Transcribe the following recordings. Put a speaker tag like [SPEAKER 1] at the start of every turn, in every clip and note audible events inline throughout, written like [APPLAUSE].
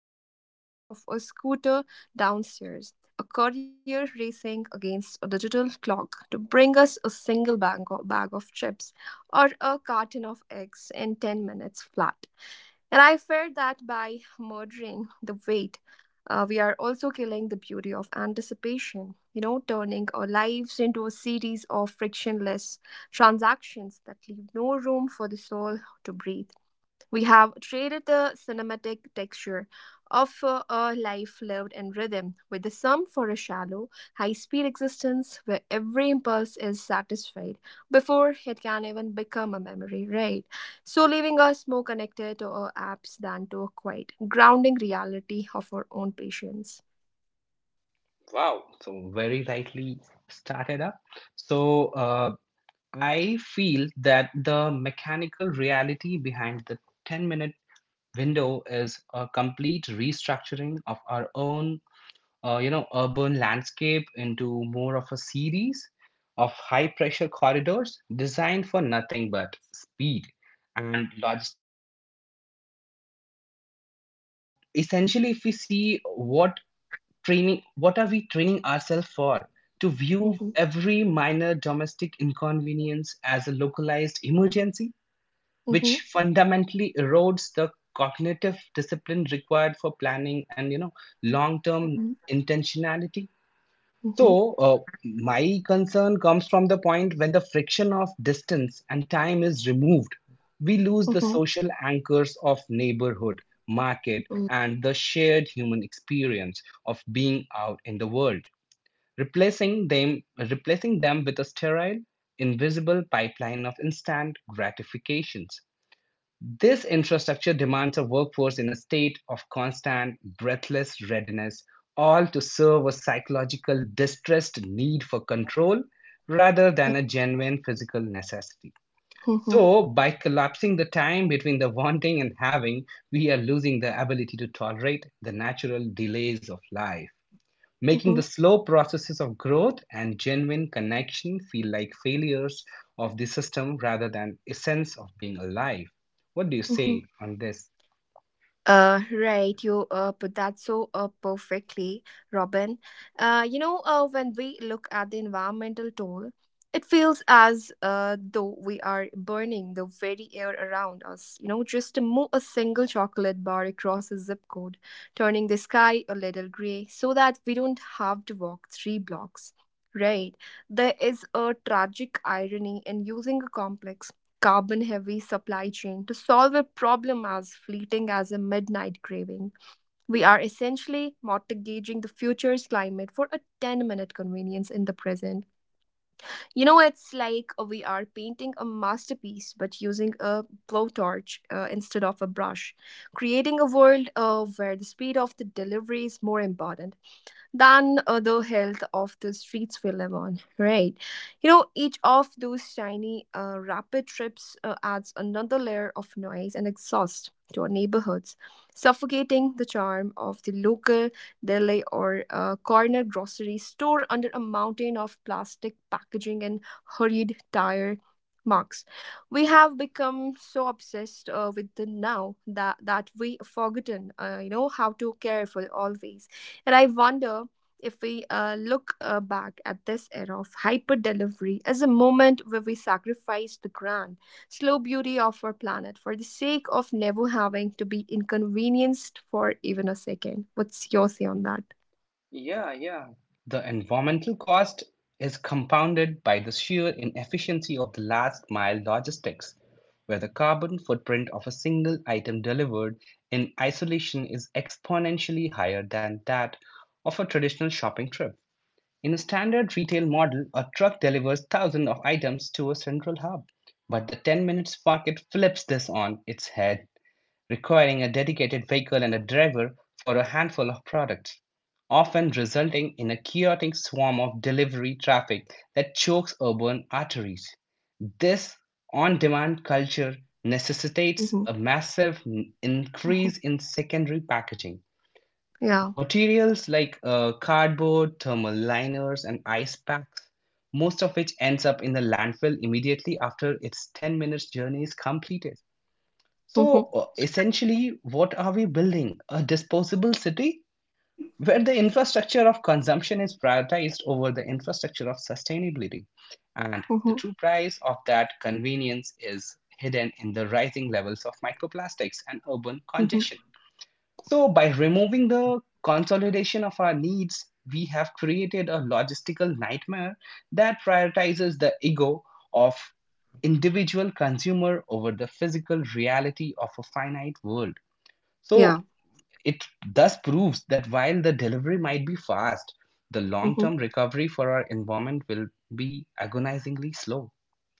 [SPEAKER 1] frantic buzz of a scooter downstairs, a courier racing against a digital clock to bring us a single bag of chips or a carton of eggs in 10 minutes flat. And I fear that by murdering the wait, we are also killing the beauty of anticipation, turning our lives into a series of frictionless transactions that leave no room for the soul to breathe. We have traded the cinematic texture of a life lived in rhythm with the sum for a shallow, high speed existence where every impulse is satisfied before it can even become a memory, right? So, leaving us more connected to our apps than to a quiet, grounding reality of our own patience.
[SPEAKER 2] Wow. So very rightly started up. So I feel that the mechanical reality behind the 10-minute window is a complete restructuring of our own urban landscape into more of a series of high pressure corridors designed for nothing but speed and logistical optimizations. So essentially, if we see what are we training ourselves for, to view
[SPEAKER 1] Mm-hmm,
[SPEAKER 2] every minor domestic inconvenience as a localized emergency,
[SPEAKER 1] mm-hmm,
[SPEAKER 2] which fundamentally erodes the cognitive discipline required for planning and long term intentionality.
[SPEAKER 1] mm-hmm,
[SPEAKER 2] So, my concern comes from the point when the friction of distance and time is removed, we lose the
[SPEAKER 1] mm-hmm,
[SPEAKER 2] social anchors of neighborhood, market,
[SPEAKER 1] mm-hmm.
[SPEAKER 2] and the shared human experience of being out in the world, replacing them, replacing them with a sterile, invisible pipeline of instant gratifications. This infrastructure demands a workforce in a state of constant, breathless readiness, all to serve a psychological, distressed need for control rather than
[SPEAKER 1] Yep.
[SPEAKER 2] a genuine physical necessity.
[SPEAKER 1] Mm-hmm,
[SPEAKER 2] So, by collapsing the time between the wanting and having, we are losing the ability to tolerate the natural delays of life, making
[SPEAKER 1] mm-hmm,
[SPEAKER 2] the slow processes of growth and genuine connection feel like failures of the system rather than essence of being alive. What do you
[SPEAKER 1] mm-hmm.
[SPEAKER 2] say on this?
[SPEAKER 1] Right, you put that so perfectly, Robin. When we look at the environmental toll, it feels as though we are burning the very air around us. Just to move a single chocolate bar across a zip code, turning the sky a little gray so that we don't have to walk 3 blocks. Right, there is a tragic irony in using a complex carbon heavy supply chain to solve a problem as fleeting as a midnight craving. We are essentially mortgaging the future's climate for a 10-minute convenience in the present. It's like we are painting a masterpiece but using a blowtorch instead of a brush, creating a world where the speed of the delivery is more important than the health of the streets we live on, right? Each of those tiny rapid trips adds another layer of noise and exhaust to our neighborhoods, suffocating the charm of the local deli or corner grocery store under a mountain of plastic packaging and hurried tire marks. We have become so obsessed with the now that we forgotten, how to care for the always. And I wonder if we look back at this era of hyper delivery as a moment where we sacrificed the grand, slow beauty of our planet for the sake of never having to be inconvenienced for even a second. What's your say on that?
[SPEAKER 2] Yeah, yeah, the environmental cost is compounded by the sheer inefficiency of the last mile logistics, where the carbon footprint of a single item delivered in isolation is exponentially higher than that of a traditional shopping trip. In a standard retail model, a truck delivers thousands of items to a central hub, but the 10 minutes market flips this on its head, requiring a dedicated vehicle and a driver for a handful of products, often resulting in a chaotic swarm of delivery traffic that chokes urban arteries. This on demand culture necessitates
[SPEAKER 1] Hmm.
[SPEAKER 2] a massive
[SPEAKER 1] Hmm.
[SPEAKER 2] increase in secondary packaging.
[SPEAKER 1] Yeah.
[SPEAKER 2] Materials like cardboard, thermal liners, and ice packs, most of which ends up in the landfill immediately after its 10 minutes journey is completed. So,
[SPEAKER 1] Hmm.
[SPEAKER 2] essentially, what are we building? A disposable city where the infrastructure of consumption is prioritized over the infrastructure of sustainability. And the
[SPEAKER 1] Hmm.
[SPEAKER 2] true price of that convenience is hidden in the rising levels of microplastics and urban
[SPEAKER 1] Hmm.
[SPEAKER 2] congestion. So, by removing the consolidation of our needs, we have created a logistical nightmare that prioritizes the ego of individual consumer over the physical reality of a finite world. So,
[SPEAKER 1] Yeah.
[SPEAKER 2] it thus proves that while the delivery might be fast, the long
[SPEAKER 1] Mm-hmm.
[SPEAKER 2] term recovery for our environment will be agonizingly slow,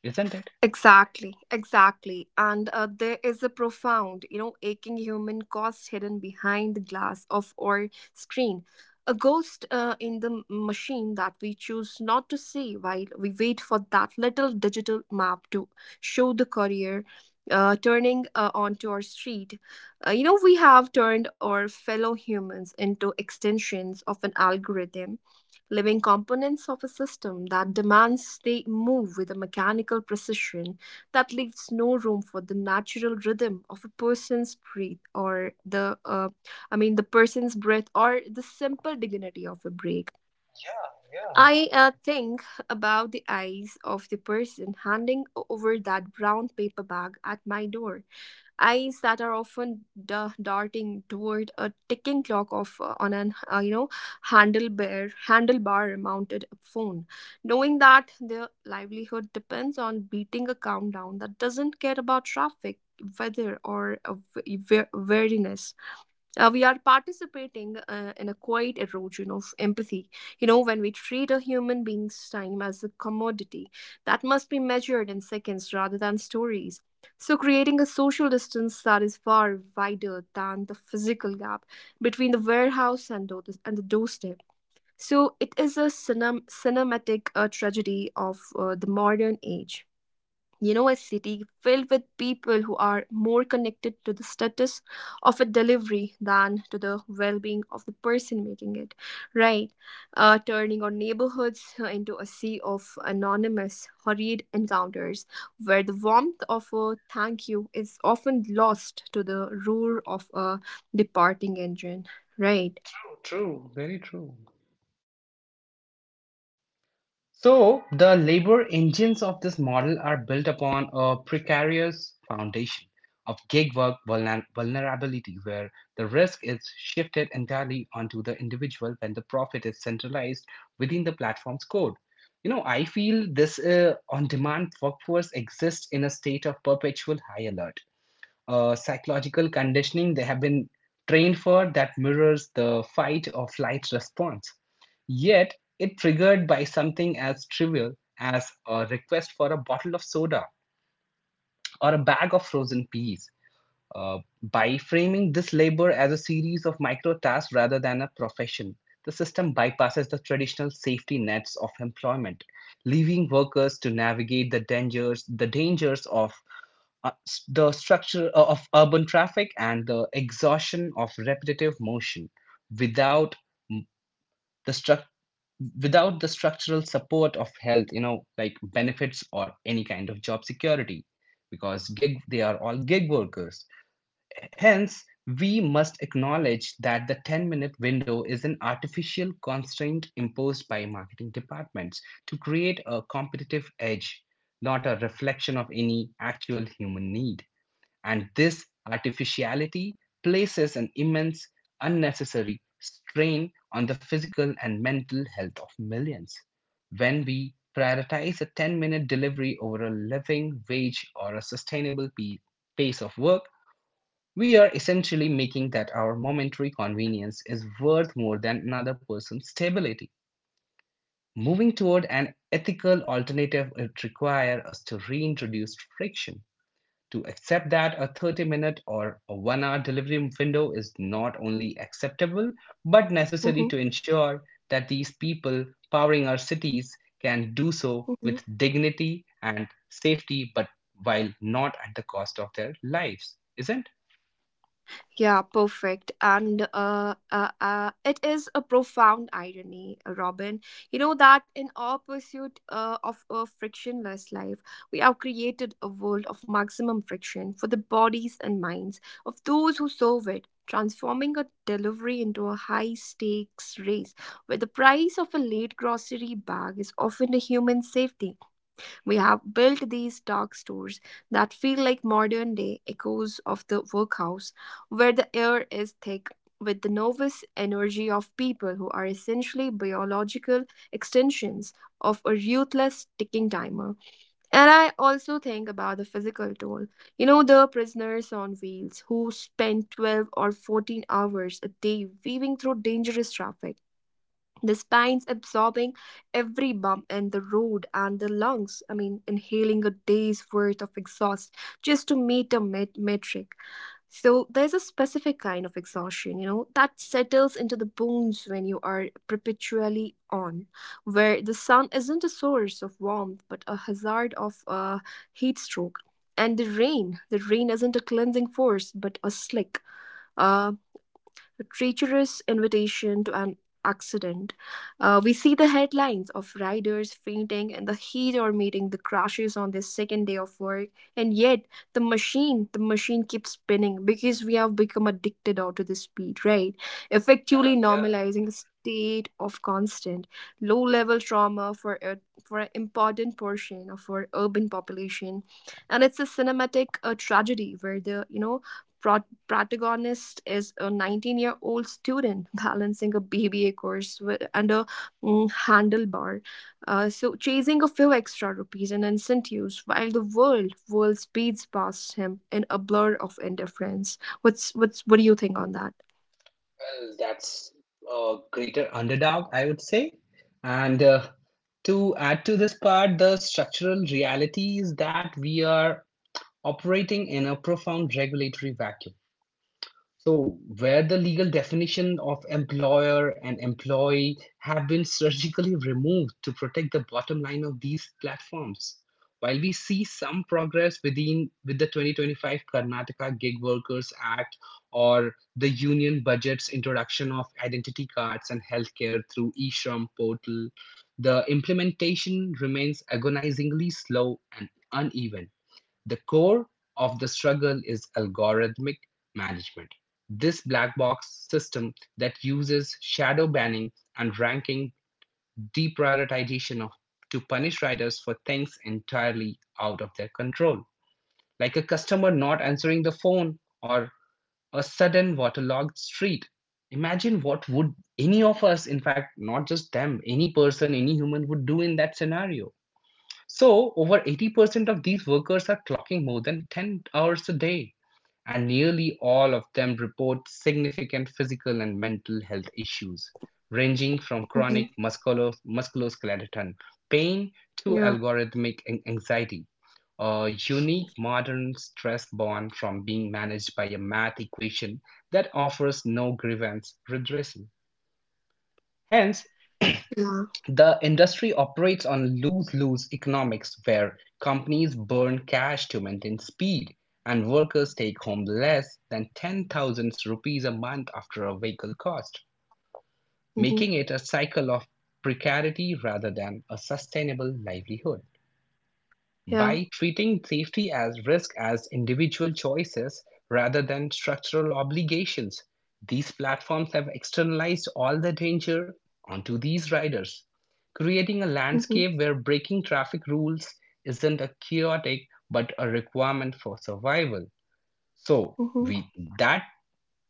[SPEAKER 2] isn't it?
[SPEAKER 1] Exactly, exactly. And there is a profound, aching human cost hidden behind the glass of our screen. A ghost in the machine that we choose not to see while we wait for that little digital map to show the courier turning onto our street. We have turned our fellow humans into extensions of an algorithm living components of a system that demands they move with a mechanical precision that leaves no room for the natural rhythm of a person's breath or the I mean the person's breath or the simple dignity of a break.
[SPEAKER 2] Yeah, yeah.
[SPEAKER 1] I think about the eyes of the person handing over that brown paper bag at my door, eyes that are often darting toward a ticking clock of on an handlebar mounted phone, knowing that their livelihood depends on beating a countdown that doesn't care about traffic, weather or wariness. We are participating in a quiet erosion of empathy. When we treat a human being's time as a commodity that must be measured in seconds rather than stories. So, creating a social distance that is far wider than the physical gap between the warehouse and the doorstep. So, it is a cinematic tragedy of the modern age. A city filled with people who are more connected to the status of a delivery than to the well being of the person making it, right? Turning our neighborhoods into a sea of anonymous, hurried encounters where the warmth of a thank you is often lost to the roar of a departing engine, right?
[SPEAKER 2] True, true, very true. So, the labor engines of this model are built upon a precarious foundation of gig work vulnerability, where the risk is shifted entirely onto the individual when the profit is centralized within the platform's code. You know, I feel this on demand workforce exists in a state of perpetual high alert, psychological conditioning they have been trained for that mirrors the fight or flight response. Yet, it triggered by something as trivial as a request for a bottle of soda or a bag of frozen peas. By framing this labor as a series of micro tasks rather than a profession, the system bypasses the traditional safety nets of employment, leaving workers to navigate the dangers of the structure of urban traffic and the exhaustion of repetitive motion without mm, the struc- without the structural support of health, like benefits or any kind of job security, because gig they are all gig workers. Hence, we must acknowledge that the 10-minute window is an artificial constraint imposed by marketing departments to create a competitive edge, not a reflection of any actual human need. And this artificiality places an immense, unnecessary strain on the physical and mental health of millions. When we prioritize a 10-minute delivery over a living wage or a sustainable pace of work, we are essentially making that our momentary convenience is worth more than another person's stability. Moving toward an ethical alternative would require us to reintroduce friction, to accept that a 30 minute or a 1 hour delivery window is not only acceptable but necessary
[SPEAKER 1] Hmm.
[SPEAKER 2] to ensure that these people powering our cities can do so with dignity and safety, but while not at the cost of their lives, isn't?
[SPEAKER 1] Yeah, perfect. And it is a profound irony, Robin. You know that in our pursuit of a frictionless life, we have created a world of maximum friction for the bodies and minds of those who serve it, transforming a delivery into a high stakes race where the price of a late grocery bag is often a human safety. We have built these dark stores that feel like modern day echoes of the workhouse, where the air is thick with the nervous energy of people who are essentially biological extensions of a ruthless ticking timer. And I also think about the physical toll. The prisoners on wheels who spend 12 or 14 hours a day weaving through dangerous traffic, the spine's absorbing every bump in the road and the lungs, I mean, inhaling a day's worth of exhaust just to meet a metric. So there's a specific kind of exhaustion, that settles into the bones when you are perpetually on, where the sun isn't a source of warmth but a hazard of a heat stroke, and the rain isn't a cleansing force but a slick, uh, a treacherous invitation to an accident. We see the headlines of riders fainting in the heat or meeting the crashes on their second day of work, and yet the machine keeps spinning because we have become addicted out to the speed, right? Effectively
[SPEAKER 2] Yeah.
[SPEAKER 1] normalizing a state of constant low-level trauma for an important portion of our urban population, and it's a cinematic tragedy where the protagonist is a 19-year-old student balancing a BBA course and a handlebar. So, chasing a few extra rupees and incentives while the world speeds past him in a blur of indifference. What do you think on that?
[SPEAKER 2] Well, that's a greater underdog, I would say. And to add to this part, the structural reality is that we are operating in a profound regulatory vacuum. So, where the legal definition of employer and employee have been surgically [LAUGHS] removed to protect the bottom line of these platforms. While we see some progress with the 2025 Karnataka Gig Workers Act or the union budget's introduction of identity cards and healthcare through eShram portal, the implementation remains agonizingly slow and uneven. The core of the struggle is algorithmic management. This black box system that uses shadow banning and ranking deprioritization of, to punish riders for things entirely out of their control, like a customer not answering the phone or a sudden waterlogged street. Imagine what would any of us, in fact, not just them, any person, any human would do in that scenario. So, over 80% of these workers are clocking more than 10 hours a day, and nearly all of them report significant physical and mental health issues, ranging from
[SPEAKER 1] Hmm.
[SPEAKER 2] chronic musculoskeletal pain to
[SPEAKER 1] Yeah,
[SPEAKER 2] algorithmic anxiety, a unique modern stress born from being managed by a math equation that offers no grievance redressal. Hence,
[SPEAKER 1] yeah.
[SPEAKER 2] the industry operates on lose-lose economics where companies burn cash to maintain speed, and workers take home less than 10,000 rupees a month after a vehicle cost,
[SPEAKER 1] Hmm.
[SPEAKER 2] making it a cycle of precarity rather than a sustainable livelihood.
[SPEAKER 1] Yeah.
[SPEAKER 2] By treating safety as risk as individual choices rather than structural obligations, these platforms have externalized all the danger onto these riders, creating a
[SPEAKER 1] Hmm.
[SPEAKER 2] landscape where breaking traffic rules isn't a chaotic but a requirement for survival. So,
[SPEAKER 1] Hmm.
[SPEAKER 2] with that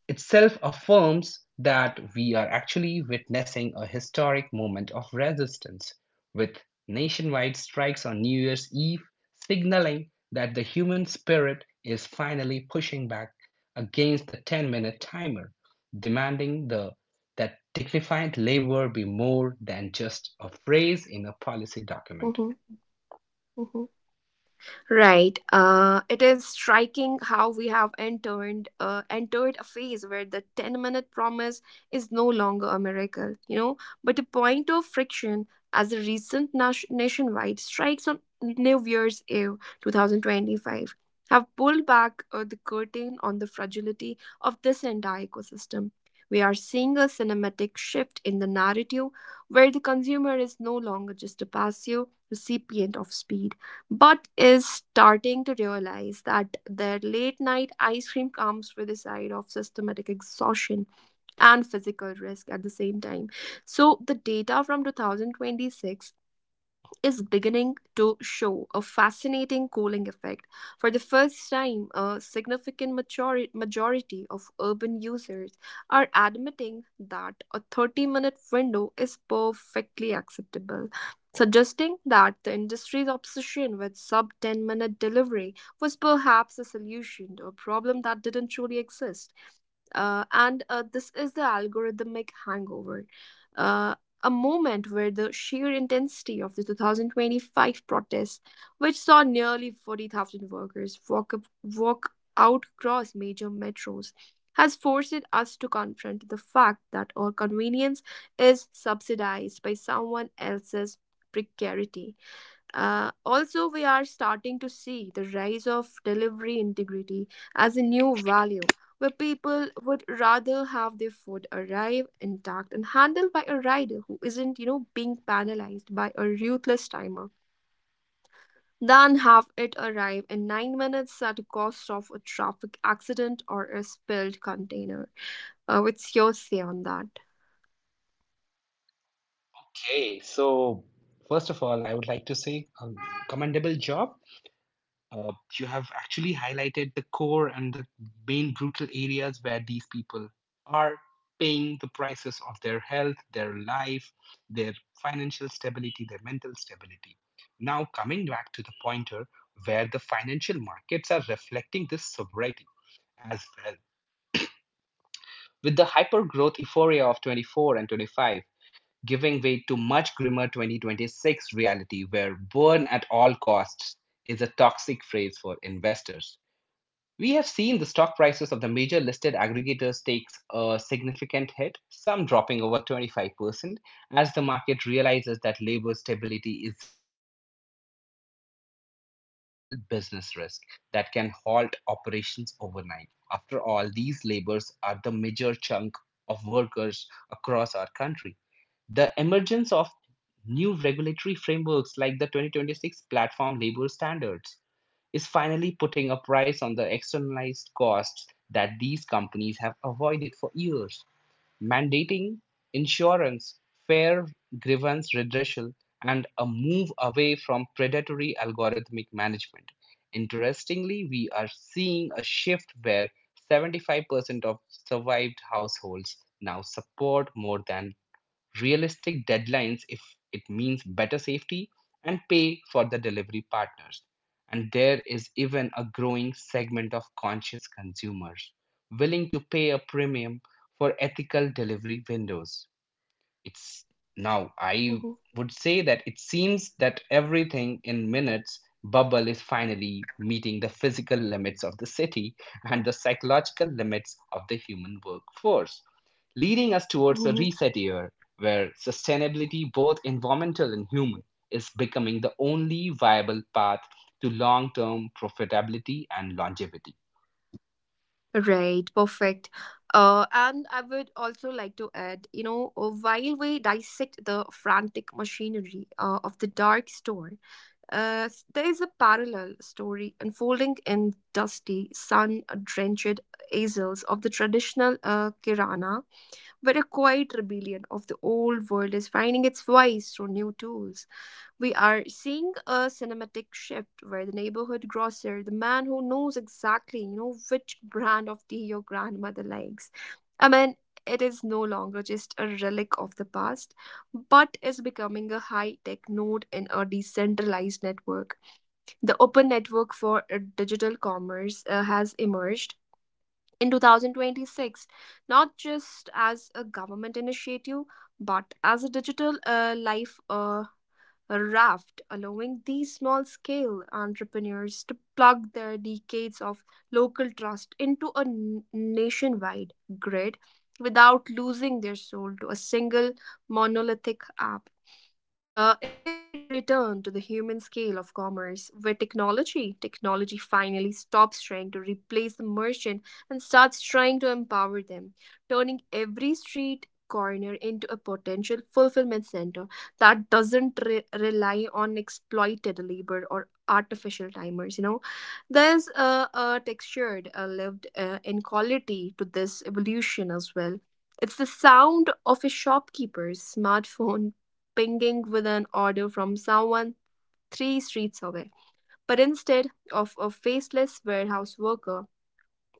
[SPEAKER 2] itself affirms that we are actually witnessing a historic moment of resistance, with nationwide strikes on New Year's Eve signaling that the human spirit is finally pushing back against the 10-minute timer, demanding that dignified labor be more than just a phrase in a policy document.
[SPEAKER 1] Hmm. Hmm. Right. It is striking how we have entered a phase where the 10 minute promise is no longer a miracle, but a point of friction. As the recent nationwide strikes on New Year's Eve 2025 have pulled back the curtain on the fragility of this entire ecosystem, we are seeing a cinematic shift in the narrative where the consumer is no longer just a passive recipient of speed but is starting to realize that their late night ice cream comes with a side of systematic exhaustion and physical risk at the same time. So, the data from 2026 is beginning to show a fascinating cooling effect. For the first time, a significant majority of urban users are admitting that a 30-minute window is perfectly acceptable, suggesting that the industry's obsession with sub 10-minute delivery was perhaps a solution to a problem that didn't truly exist. And this is the algorithmic hangover. Uh, a moment where the sheer intensity of the 2025 protests, which saw nearly 40,000 workers walk out across major metros, has forced us to confront the fact that our convenience is subsidized by someone else's precarity. Also, we are starting to see the rise of delivery integrity as a new value, where people would rather have their food arrive intact and handled by a rider who isn't, being penalized by a ruthless timer than have it arrive in 9 minutes at the cost of a traffic accident or a spilled container. What's your say on that?
[SPEAKER 2] Okay, so first of all, I would like to say a commendable job. Uh, you have actually highlighted the core and the main brutal areas where these people are paying the prices of their health, their life, their financial stability, their mental stability. Now, coming back to the pointer, where the financial markets are reflecting this sobriety as well. With the hypergrowth euphoria of 24 and 25 giving way to much grimmer 2026 reality, where burn at all costs is a toxic phrase for investors. We have seen the stock prices of the major listed aggregators takes a significant hit, some dropping over 25%, as the market realizes that labor stability isn't just a social issue, but a fundamental business risk that can halt operations overnight. After all, these laborers are the major chunk of workers across our country. The emergence of new regulatory frameworks like the 2026 Platform Labor Standards is finally putting a price on the externalized costs that these companies have avoided for years. Mandating insurance, fair grievance redressal, and a move away from predatory algorithmic management. Interestingly, we are seeing a shift where 75% of survived households now support more than realistic deadlines, if it means better safety and pay for the delivery partners. And there is even a growing segment of conscious consumers willing to pay a premium for ethical delivery windows. It's, now I
[SPEAKER 1] Mhm,
[SPEAKER 2] would say, that it seems that everything in minutes bubble is finally meeting the physical limits of the city and the psychological limits of the human workforce, leading us towards a
[SPEAKER 1] mhm.
[SPEAKER 2] reset year, where sustainability, both environmental and human, is becoming the only viable path to long term profitability and longevity.
[SPEAKER 1] Right, perfect. And I would also like to add, while we dissect the frantic machinery of the dark store, there is a parallel story unfolding in dusty, sun-drenched aisles of the traditional Kirana, where a quiet rebellion of the old world is finding its voice through new tools. We are seeing a cinematic shift where the neighborhood grocer, the man who knows exactly, which brand of tea your grandmother likes. I mean, it is no longer just a relic of the past, but is becoming a high tech node in a decentralized network. The open network for digital commerce has emerged in 2026, not just as a government initiative, but as a digital life. Raft, allowing these small scale entrepreneurs to plug their decades of local trust into a nationwide grid without losing their soul to a single monolithic app. It feels like a return to the human scale of commerce, where technology finally stops trying to replace the merchant and starts trying to empower them, turning every street corner into a potential fulfillment center that doesn't rely on exploited labor or artificial timers. You know, there's a textured, a lived in quality to this evolution as well. It's the sound of a shopkeeper's smartphone pinging with an order from someone three streets away. But instead of a faceless warehouse worker,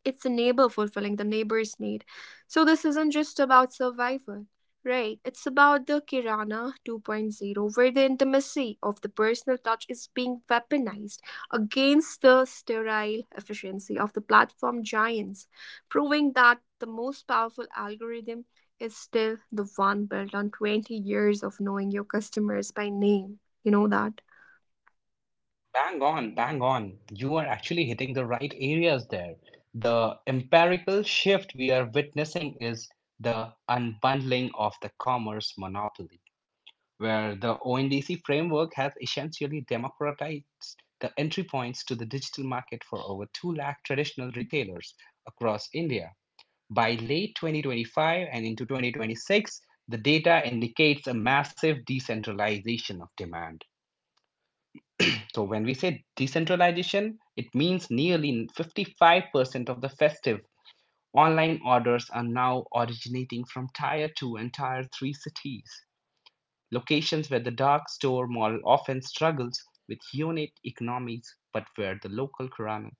[SPEAKER 1] it's a neighbor fulfilling the neighbor's need. So this isn't just about survival, right? It's about the Kirana 2.0, where the intimacy of the personal touch is being weaponized against the sterile efficiency of the platform giants, proving that the most powerful algorithm is still the one built on 20 years of knowing your customers by name. You know that?
[SPEAKER 2] Bang on, bang on. You are actually hitting the right areas there. The empirical shift we are witnessing is the unbundling of the commerce monopoly, where the ONDC framework has essentially democratized the entry points to the digital market for over 2 lakh traditional retailers across India. By late 2025 and into 2026, the data indicates a massive decentralization of demand. So when we say decentralization, it means nearly 55% of the festive online orders are now originating from tier 2 and tier 3 cities, locations where the dark store model often struggles with unit economics but where the local kurana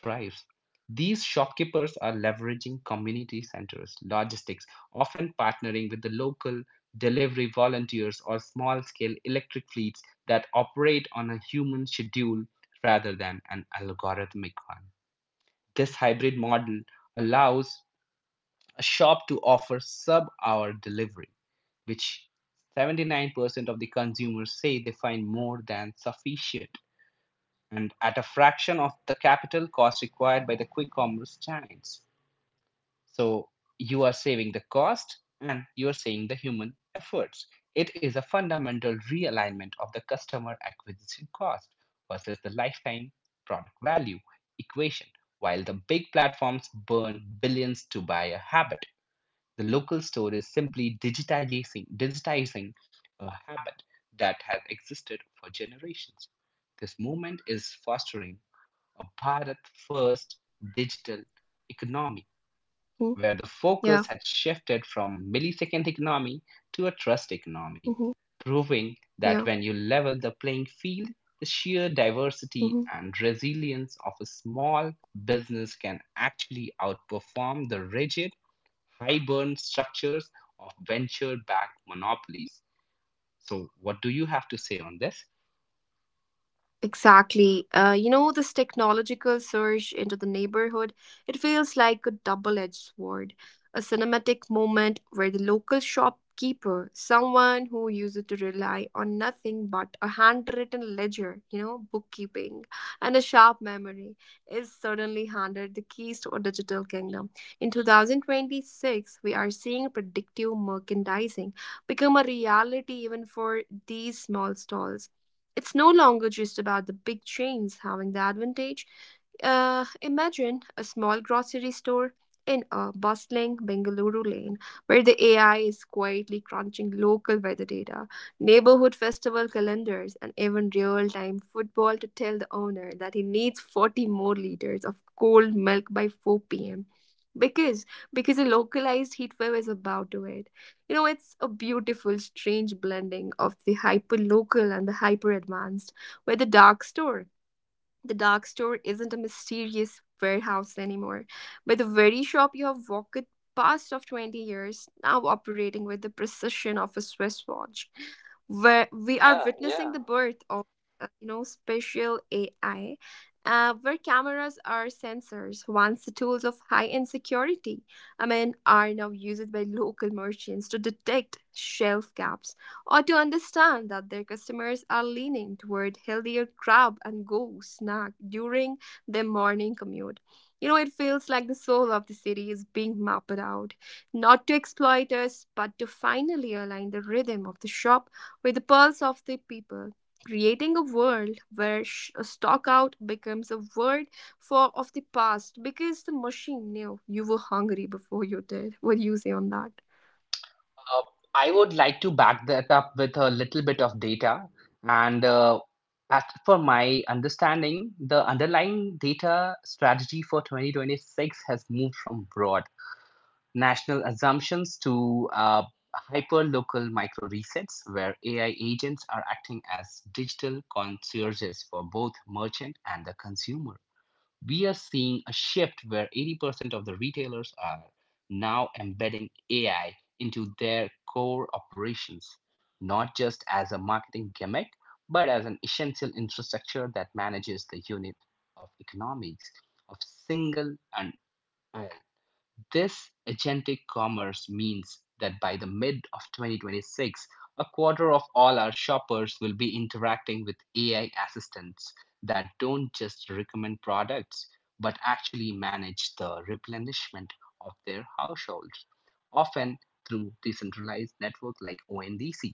[SPEAKER 2] thrives. These shopkeepers are leveraging community centers, logistics, often partnering with the local delivery volunteers or small scale electric fleets that operate on a human schedule rather than an algorithmic one. This hybrid model allows a shop to offer sub hour delivery, which 79% of the consumers say they find more than sufficient, and at a fraction of the capital cost required by the quick commerce giants. So you are saving the cost and you are saving the human efforts. It is a fundamental realignment of the customer acquisition cost versus the lifetime product value equation, while the big platforms burn billions to buy a habit. The local store is simply digitizing a habit that has existed for generations. This movement is fostering a Bharat first digital economy,
[SPEAKER 1] Hmm?
[SPEAKER 2] where the focus
[SPEAKER 1] Yeah.
[SPEAKER 2] has shifted from millisecond economy to a trust economy,
[SPEAKER 1] Hmm.
[SPEAKER 2] proving that
[SPEAKER 1] Yeah.
[SPEAKER 2] when you level the playing field, the sheer diversity
[SPEAKER 1] Hmm.
[SPEAKER 2] and resilience of a small business can actually outperform the rigid high burn structures of venture backed monopolies. So, what do you have to say on this?
[SPEAKER 1] Exactly. You know, this technological surge into the neighborhood, it feels like a double edged sword. A cinematic moment where the local shopkeeper, someone who used to rely on nothing but a handwritten ledger, you know, bookkeeping, and a sharp memory, is suddenly handed the keys to a digital kingdom. In 2026, we are seeing predictive merchandising become a reality even for these small stalls. It's no longer just about the big chains having the advantage. Imagine a small grocery store in a bustling Bengaluru lane where the AI is quietly crunching local weather data, neighborhood festival calendars, and even real time football to tell the owner that he needs 40 more liters of cold milk by 4 pm. Because because a localized heat wave is about to hit. You know, it's a beautiful, strange blending of the hyper local and the hyper advanced, where the dark store isn't a mysterious warehouse anymore, but the very shop you have walked past of 20 years, now operating with the precision of a Swiss watch. Where we are witnessing the birth of, you know, spatial AI, where cameras are sensors, once the tools of high-end security, I mean, are now used by local merchants to detect shelf gaps or to understand that their customers are leaning toward healthier grab and go snack during their morning commute. You know, it feels like the soul of the city is being mapped out, not to exploit us, but to finally align the rhythm of the shop with the pulse of the people. Creating a world where a stockout becomes a word for of the past because the machine knew you were hungry before you did. What do you say on that?
[SPEAKER 2] Uh, I would like to back that up with a little bit of data. And as for my understanding, the underlying data strategy for 2026 has moved from broad national assumptions to hyper local micro resets, where AI agents are acting as digital concierges for both merchant and the consumer. We are seeing a shift where 80% of the retailers are now embedding AI into their core operations, not just as a marketing gimmick, but as an essential infrastructure that manages the unit of economics of single. And uh, this agentic commerce means that by the mid of 2026, a quarter of all our shoppers will be interacting with AI assistants that don't just recommend products, but actually manage the replenishment of their households, often through decentralized network like ONDC.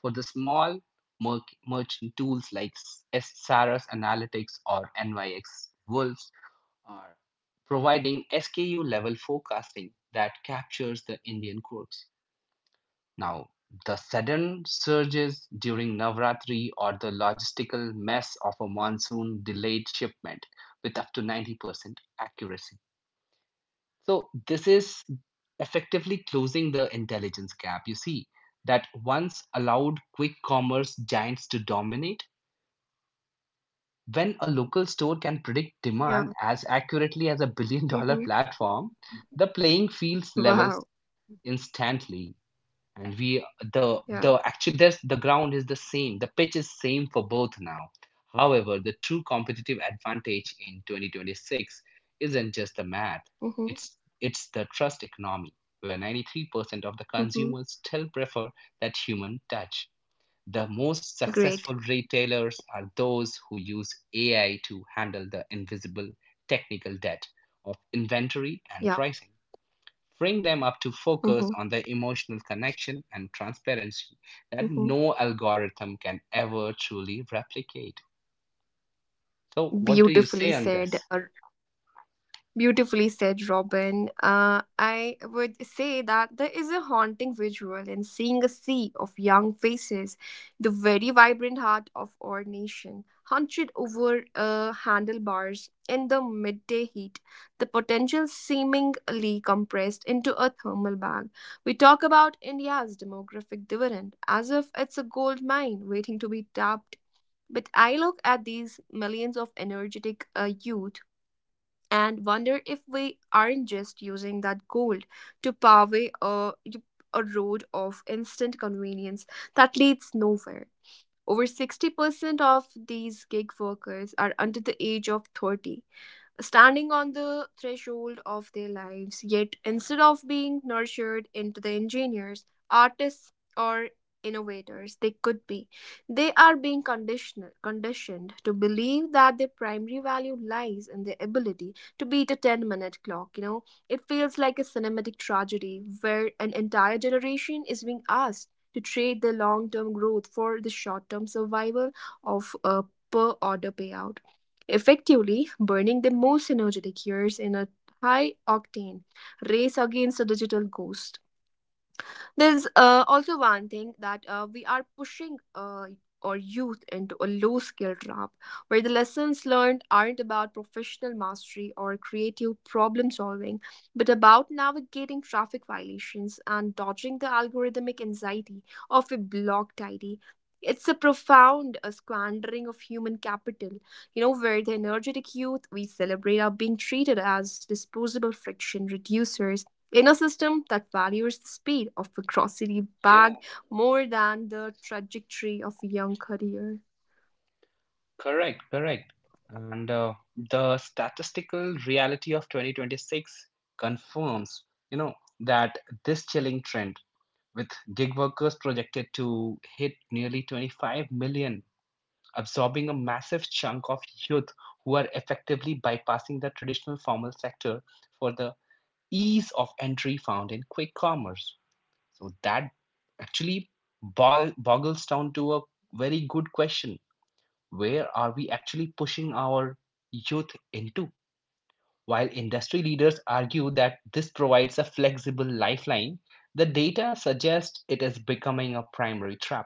[SPEAKER 2] For the small merchant tools like SRS Analytics or NYX Wolves are providing SKU level forecasting that captures the Indian quirks. Now, the sudden surges during Navratri or the logistical mess of a monsoon delayed shipment with up to 90% accuracy. So, this is effectively closing the intelligence gap. You see, that once allowed quick commerce giants to dominate. When a local store can predict
[SPEAKER 1] Yeah.
[SPEAKER 2] demand as accurately as a $1 billion
[SPEAKER 1] Hmm.
[SPEAKER 2] platform, the playing fields levels
[SPEAKER 1] Wow.
[SPEAKER 2] instantly. And we
[SPEAKER 1] Yeah.
[SPEAKER 2] the actually, there's the ground is the same. The pitch is same for both now. However, the true competitive advantage in 2026 isn't just the math.
[SPEAKER 1] Hmm.
[SPEAKER 2] It's the trust economy, where 93% of the
[SPEAKER 1] Hmm.
[SPEAKER 2] consumers still prefer that human touch. The most
[SPEAKER 1] Great.
[SPEAKER 2] successful retailers are those who use AI to handle the invisible technical debt of inventory and
[SPEAKER 1] Yeah.
[SPEAKER 2] pricing, freeing them up to focus
[SPEAKER 1] Hmm.
[SPEAKER 2] on the emotional connection and transparency that
[SPEAKER 1] Hmm.
[SPEAKER 2] no algorithm can ever truly replicate. So, what do you
[SPEAKER 1] Beautifully
[SPEAKER 2] say on this?
[SPEAKER 1] said. uh, Beautifully said, Robin. I would say that there is a haunting visual in seeing a sea of young faces, the very vibrant heart of our nation, hunched over handlebars in the midday heat, the potential seemingly compressed into a thermal bag. We talk about India's demographic dividend as if it's a gold mine waiting to be tapped. But I look at these millions of energetic youth and wonder if we aren't just using that gold to pave a, a road of instant convenience that leads nowhere. Over 60% of these gig workers are under the age of 30, standing on the threshold of their lives. Yet, instead of being nurtured into the engineers, artists, or innovators they could be, they are being conditioned to believe that their primary value lies in their ability to beat a 10-minute clock. You know, it feels like a cinematic tragedy where an entire generation is being asked to trade their long term growth for the short term survival of a per order payout, effectively burning the most energetic years in a high octane race against a digital ghost. There's also one thing that we are pushing our youth into a low skill trap where the lessons learned aren't about professional mastery or creative problem solving, but about navigating traffic violations and dodging the algorithmic anxiety of a blocked ID. It's a profound squandering of human capital, you know, where the energetic youth we celebrate are being treated as disposable friction reducers in a system that values the speed of a grocery
[SPEAKER 2] Yeah,
[SPEAKER 1] bag more than the trajectory of a young career.
[SPEAKER 2] correct, correct. And the statistical reality of 2026 confirms, you know, that this chilling trend with gig workers projected to hit nearly 25 million, absorbing a massive chunk of youth who are effectively bypassing the traditional formal sector for the ease of entry found in quick commerce. So that actually boggles down to a very good question. Where are we actually pushing our youth into? While industry leaders argue that this provides a flexible lifeline, the data suggests it is becoming a primary trap,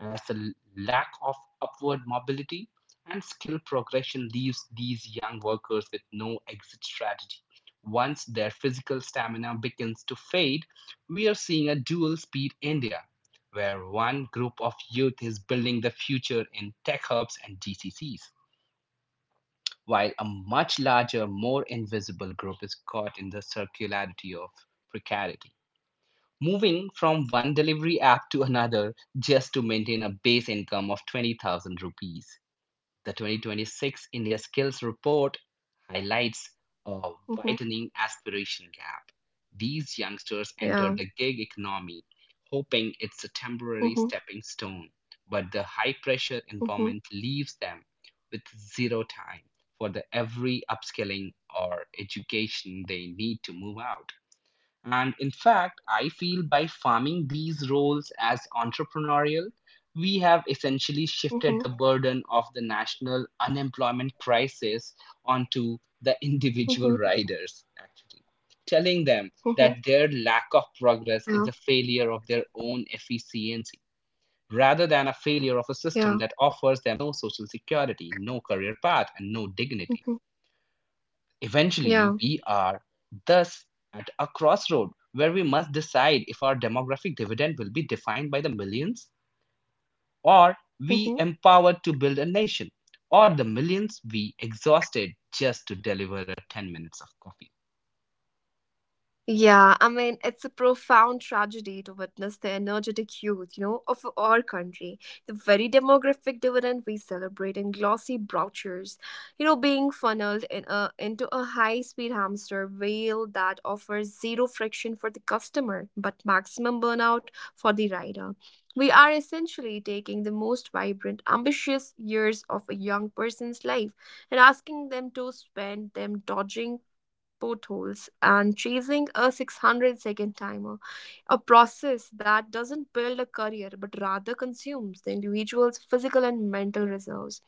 [SPEAKER 2] as the lack of upward mobility and skill progression leaves these young workers with no exit strategy once their physical stamina begins to fade. We are seeing a dual speed India, where one group of youth is building the future in tech hubs and GCCs, while a much larger, more invisible group is caught in the circularity of precarity, moving from one delivery app to another just to maintain a base income of 20,000 rupees. The 2026 India Skills Report highlights a
[SPEAKER 1] Hmm.
[SPEAKER 2] widening aspiration gap. These youngsters enter
[SPEAKER 1] Yeah.
[SPEAKER 2] the gig economy hoping it's a temporary
[SPEAKER 1] Hmm.
[SPEAKER 2] stepping stone, but the high pressure
[SPEAKER 1] Hmm.
[SPEAKER 2] environment leaves them with zero time for the every upskilling or education they need to move out. And in fact, I feel by farming these roles as entrepreneurial, we have essentially shifted the
[SPEAKER 1] Hmm.
[SPEAKER 2] burden of the national unemployment crisis onto the individual
[SPEAKER 1] Hmm.
[SPEAKER 2] riders, actually, telling them
[SPEAKER 1] Hmm.
[SPEAKER 2] that their lack of progress is
[SPEAKER 1] Yeah.
[SPEAKER 2] a failure of their own efficiency rather than a failure of a system
[SPEAKER 1] Yeah.
[SPEAKER 2] that offers them no social security, no career path, and no dignity.
[SPEAKER 1] Hmm. Yeah.
[SPEAKER 2] Eventually, we are thus at a crossroad where we must decide if our demographic dividend will be defined by the millions or we
[SPEAKER 1] Hmm.
[SPEAKER 2] empowered to build a nation, or the millions we exhausted just to deliver a 10 minutes of coffee.
[SPEAKER 1] Yeah, I mean, it's a profound tragedy to witness the energetic youth, you know, of our country, the very demographic dividend we celebrate in glossy brochures, you know, being funneled in into a high speed hamster wheel that offers zero friction for the customer but maximum burnout for the rider. We are essentially taking the most vibrant, ambitious years of a young person's life and asking them to spend them dodging potholes and chasing a 600-second timer, a process that doesn't build a career but rather consumes the individual's physical and mental reserves.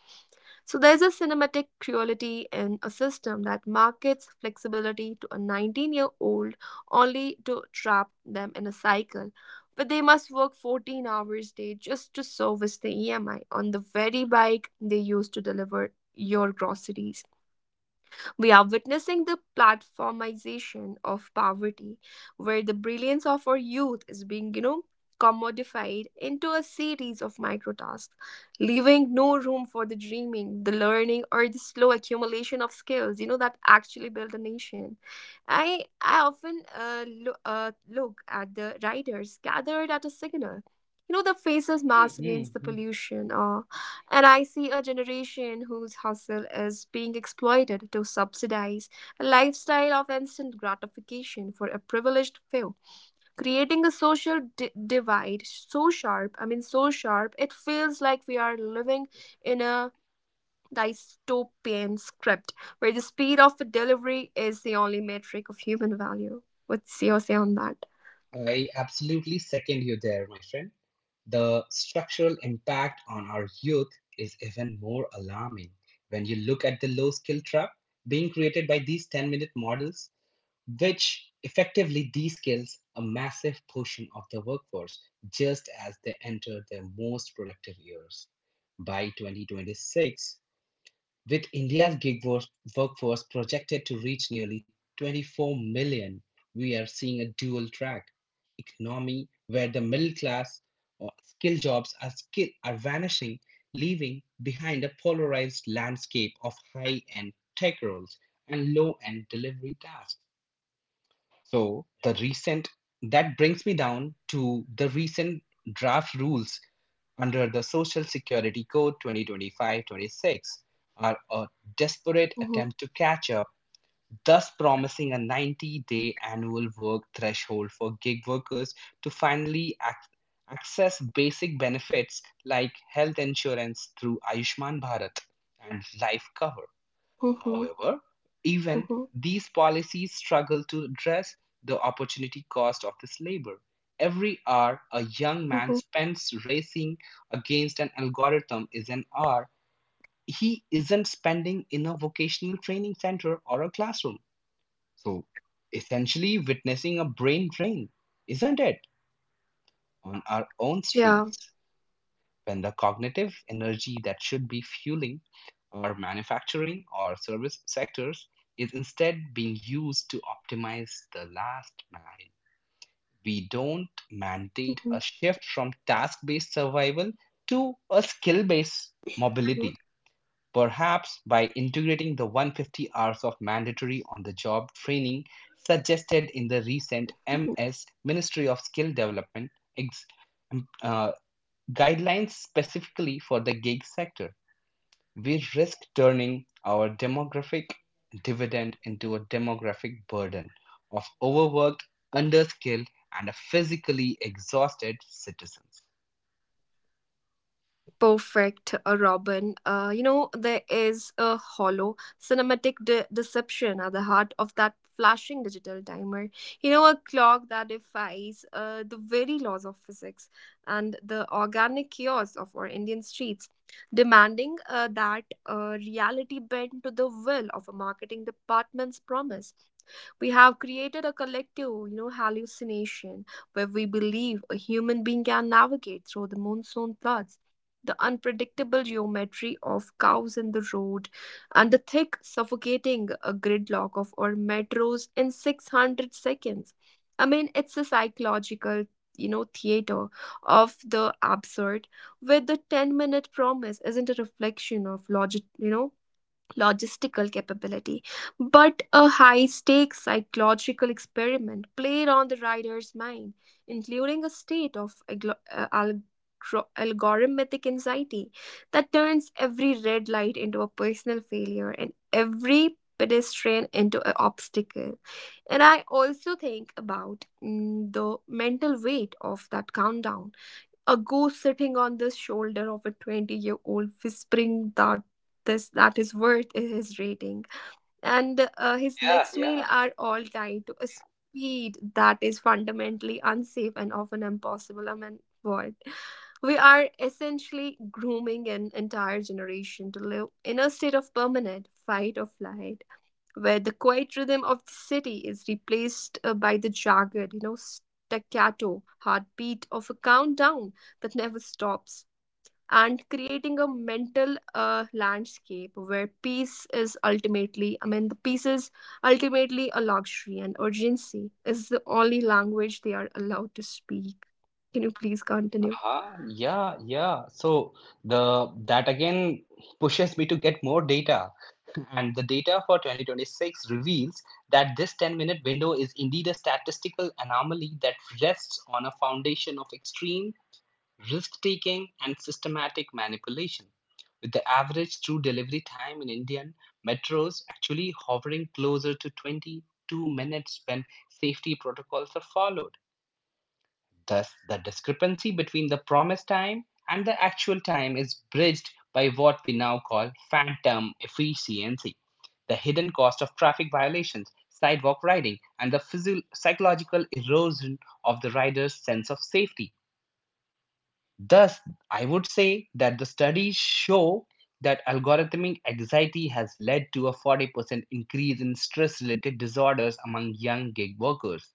[SPEAKER 1] So there's a cinematic cruelty in a system that markets flexibility to a 19-year-old only to trap them in a cycle where they must work 14 hours a day just to service the EMI on the very bike they used to deliver your groceries. We are witnessing the platformization of poverty, where the brilliance of our youth is being, you know, commodified into a series of micro tasks, leaving no room for the dreaming, the learning, or the slow accumulation of skills, you know, that actually build a nation. I often look at the riders gathered at a signal. You know, the faces mask against the
[SPEAKER 2] Mhm.
[SPEAKER 1] pollution, and I see a generation whose hustle is being exploited to subsidize a lifestyle of instant gratification for a privileged few, creating a social divide so sharp, I mean, so sharp, it feels like we are living in a dystopian script where the speed of delivery is the only metric of human value. What's your say on that?
[SPEAKER 2] I absolutely second you there, my friend. The structural impact on our youth is even more alarming when you look at the low skill trap being created by these 10-minute models, which effectively de-skills a massive portion of the workforce just as they enter their most productive years. By 2026, with India's gig workforce projected to reach nearly 24 million, we are seeing a dual track economy where the middle class or skill jobs are vanishing, leaving behind a polarized landscape of high end tech roles and low end delivery tasks. So the recent that brings me down to the recent draft rules under the Social Security Code 2025-26 are a desperate
[SPEAKER 1] Mhm.
[SPEAKER 2] attempt to catch up, thus promising a 90-day annual work threshold for gig workers to finally access basic benefits like health insurance through Ayushman Bharat and life cover.
[SPEAKER 1] Mhm.
[SPEAKER 2] However, even
[SPEAKER 1] Mhm.
[SPEAKER 2] these policies struggle to address the opportunity cost of this labor. Every hour a young man
[SPEAKER 1] Mhm.
[SPEAKER 2] spends racing against an algorithm is an hour he isn't spending in a vocational training center or a classroom. So, essentially, witnessing a brain drain, isn't it? On our own
[SPEAKER 1] Yeah.
[SPEAKER 2] streets, when the cognitive energy that should be fueling our manufacturing or service sectors is instead being used to optimize the last mile. We don't mandate
[SPEAKER 1] Mhm.
[SPEAKER 2] a shift from task based survival to a skill based
[SPEAKER 1] Mhm.
[SPEAKER 2] mobility. Perhaps by integrating the 150 hours of mandatory on the job training suggested in the recent
[SPEAKER 1] Mhm.
[SPEAKER 2] MS Ministry of Skill Development ex- um, uh, guidelines specifically for the gig sector. We risk turning our demographic dividend into a demographic burden of overworked, underskilled, and physically exhausted citizens.
[SPEAKER 1] Perfect, Robin. You know, there is a hollow cinematic deception at the heart of that flashing digital timer. You know, a clock that defies the very laws of physics and the organic chaos of our Indian streets, demanding that reality bend to the will of a marketing department's promise. We have created a collective, you know, hallucination where we believe a human being can navigate through the monsoon floods, the unpredictable geometry of cows in the road, and the thick, suffocating gridlock of our metros in 600 seconds. I mean, it's a psychological, you know, theater of the absurd, where the 10-minute promise isn't a reflection of logic, you know, logistical capability, but a high stakes psychological experiment played on the rider's mind, including a state of algorithmic anxiety that turns every red light into a personal failure and every pedestrian into an obstacle. And I also think about the mental weight of that countdown, a ghost sitting on the shoulder of a 20-year-old whispering that this that is worth his rating and his
[SPEAKER 2] Yeah,
[SPEAKER 1] next meal
[SPEAKER 2] yeah.
[SPEAKER 1] are all tied to a speed that is fundamentally unsafe and often impossible. I mean, what we are essentially grooming an entire generation to live in a state of permanent fight or flight, where the quiet rhythm of the city is replaced by the jagged, you know, staccato heartbeat of a countdown that never stops, and creating a mental landscape where peace is ultimately, I mean, the peace is ultimately a luxury, and urgency is the only language they are allowed to speak. Can you please continue?
[SPEAKER 2] Yeah, yeah. So the that again pushes me to get more data, [LAUGHS] and the data for 2026 reveals that this 10-minute window is indeed a statistical anomaly that rests on a foundation of extreme risk-taking and systematic manipulation, with the average true delivery time in Indian metros actually hovering closer to 22 minutes when safety protocols are followed. Thus, the discrepancy between the promised time and the actual time is bridged by what we now call phantom efficiency, the hidden cost of traffic violations, sidewalk riding, and the psychological erosion of the rider's sense of safety. Thus, I would say that the studies show that algorithmic anxiety has led to a 40% increase in stress related disorders among young gig workers,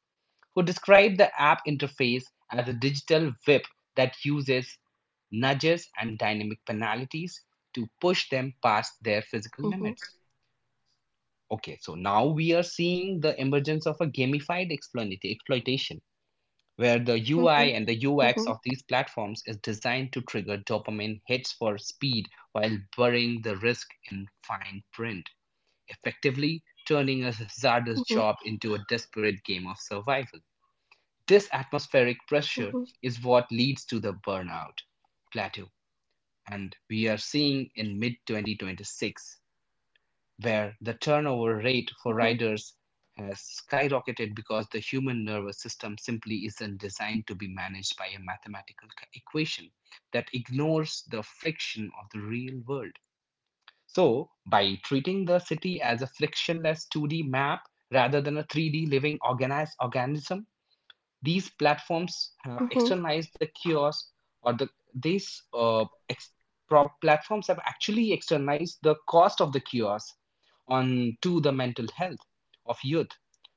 [SPEAKER 2] who describe the app interface as a digital whip that uses nudges and dynamic penalties to push them past their physical
[SPEAKER 1] Mhm.
[SPEAKER 2] limits. Okay, so now we are seeing the emergence of a gamified exploitation, where the UI
[SPEAKER 1] Mhm.
[SPEAKER 2] and the UX
[SPEAKER 1] Mhm.
[SPEAKER 2] of these platforms is designed to trigger dopamine hits for speed while burying the risk in fine print, effectively turning a hazardous
[SPEAKER 1] Mhm.
[SPEAKER 2] job into a desperate game of survival. This atmospheric pressure
[SPEAKER 1] Mhm.
[SPEAKER 2] is what leads to the burnout plateau, and we are seeing in mid 2026 where the turnover rate for
[SPEAKER 1] Mhm. Mhm.
[SPEAKER 2] riders has skyrocketed, because the human nervous system simply isn't designed to be managed by a mathematical equation that ignores the friction of the real world. So, by treating the city as a frictionless 2D map rather than a 3D living organized organism, these platforms have
[SPEAKER 1] Mhm.
[SPEAKER 2] externalized the chaos. Or the these ex- pro- platforms have actually externalized the cost of the chaos on to the mental health of youth,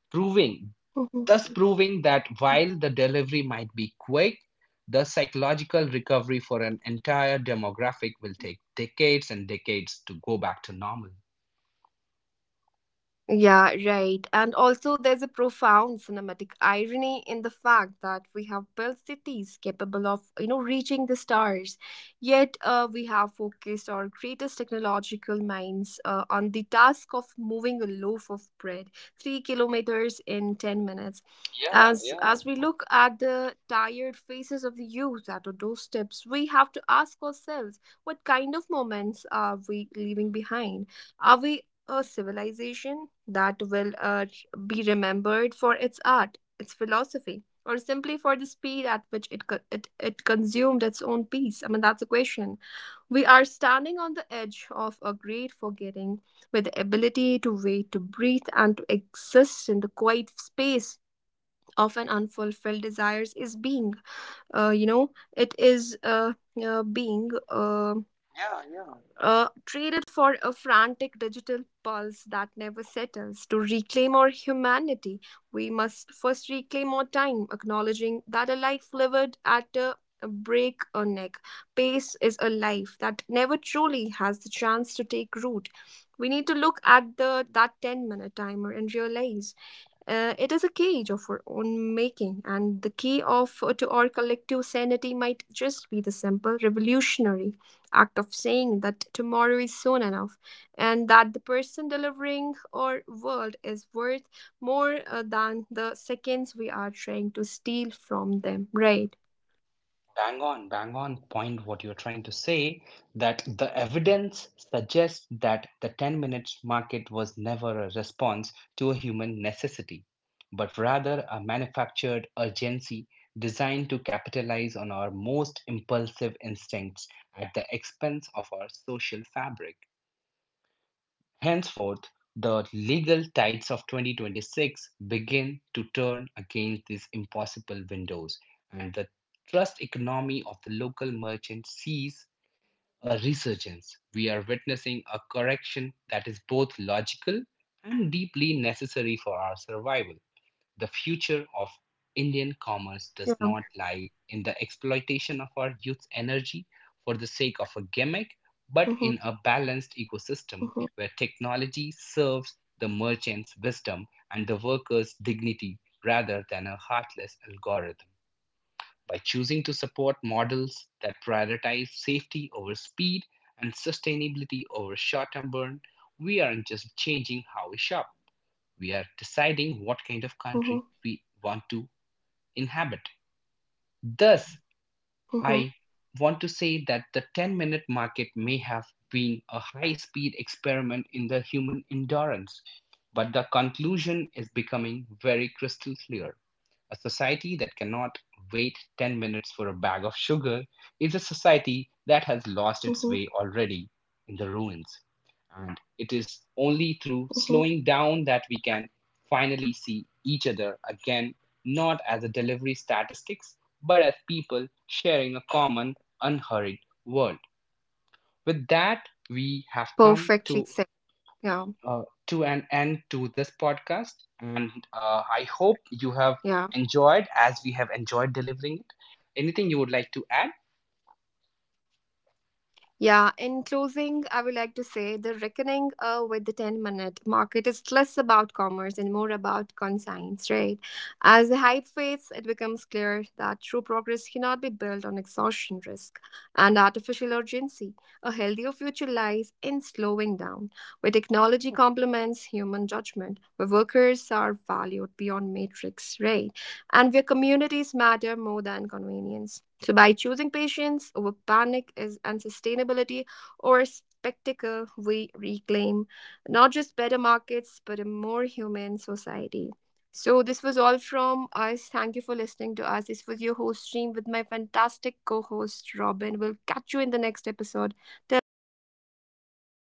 [SPEAKER 2] proving
[SPEAKER 1] Mhm.
[SPEAKER 2] thus proving that while the delivery might be quick, the psychological recovery for an entire demographic will take decades and decades to go back to normal.
[SPEAKER 1] Yeah, right. And also, there's a profound cinematic irony in the fact that we have built cities capable of, you know, reaching the stars, yet we have focused our greatest technological minds on the task of moving a loaf of bread 3 kilometers in ten minutes.
[SPEAKER 2] Yeah,
[SPEAKER 1] As
[SPEAKER 2] yeah,
[SPEAKER 1] as we look at the tired faces of the youth at our doorsteps, we have to ask ourselves, what kind of moments are we leaving behind? Are we a civilization that will be remembered for its art, its philosophy, or simply for the speed at which it it consumed its own peace? I mean, that's a question. We are standing on the edge of a great forgetting, with the ability to wait, to breathe, and to exist in the quiet space of an unfulfilled desires is being. You know, it is Being.
[SPEAKER 2] yeah, yeah.
[SPEAKER 1] Traded for a frantic digital pulse that never settles. To reclaim our humanity, we must first reclaim our time, acknowledging that a life lived at a break a neck pace is a life that never truly has the chance to take root. We need to look at the that 10-minute timer and realize it is a cage of our own making, and the key of to our collective sanity might just be the simple revolutionary act of saying that tomorrow is soon enough, and that the person delivering our world is worth more than the seconds we are trying to steal from them. Right?
[SPEAKER 2] Bang on, bang on point, what you're trying to say, that the evidence suggests that the 10 minutes market was never a response to a human necessity, but rather a manufactured urgency designed to capitalize on our most impulsive instincts at the expense of our social fabric. Henceforth, the legal tides of 2026 begin to turn against these impossible windows, and the trust economy of the local merchant sees a resurgence. We are witnessing a correction that is both logical and deeply necessary for our survival. The future of Indian commerce
[SPEAKER 1] Yeah.
[SPEAKER 2] does not lie in the exploitation of our youth's energy for the sake of a gimmick, but
[SPEAKER 1] Mm-hmm.
[SPEAKER 2] in a balanced ecosystem
[SPEAKER 1] Mm-hmm.
[SPEAKER 2] where technology serves the merchant's wisdom and the worker's dignity rather than a heartless algorithm. By choosing to support models that prioritize safety over speed and sustainability over short term burn, we aren't just changing how we shop, we are deciding what kind of
[SPEAKER 1] Mm-hmm.
[SPEAKER 2] country we want to inhabit. Thus,
[SPEAKER 1] Mm-hmm.
[SPEAKER 2] I want to say that the 10-minute market may have been a high speed experiment in the human endurance, but the conclusion is becoming very crystal clear. A society that cannot wait 10 minutes for a bag of sugar is a society that has lost its
[SPEAKER 1] Mm-hmm.
[SPEAKER 2] way already in the ruins. And it is only through
[SPEAKER 1] Mm-hmm.
[SPEAKER 2] slowing down that we can finally see each other again, not as a delivery statistics, but as people sharing a common, unhurried world. With that, we have come
[SPEAKER 1] Perfectly said. Yeah.
[SPEAKER 2] to an end to this podcast, and I hope you have
[SPEAKER 1] Yeah.
[SPEAKER 2] enjoyed as we have enjoyed delivering it. Anything you would like to add?
[SPEAKER 1] Yeah, in closing, I would like to say the reckoning with the 10-minute market is less about commerce and more about conscience, right? As the hype fades, it becomes clear that true progress cannot be built on exhaustion risk and artificial urgency. A healthier future lies in slowing down, where technology complements human judgment, where workers are valued beyond matrix, right? And where communities matter more than convenience. So, by choosing patience over panic is and sustainability or spectacle, we reclaim not just better markets, but a more human society. So, this was all from us. Thank you for listening to us. This was your host stream with my fantastic co host, Robin. We'll catch you in the next episode. Till then, bye bye. Take care.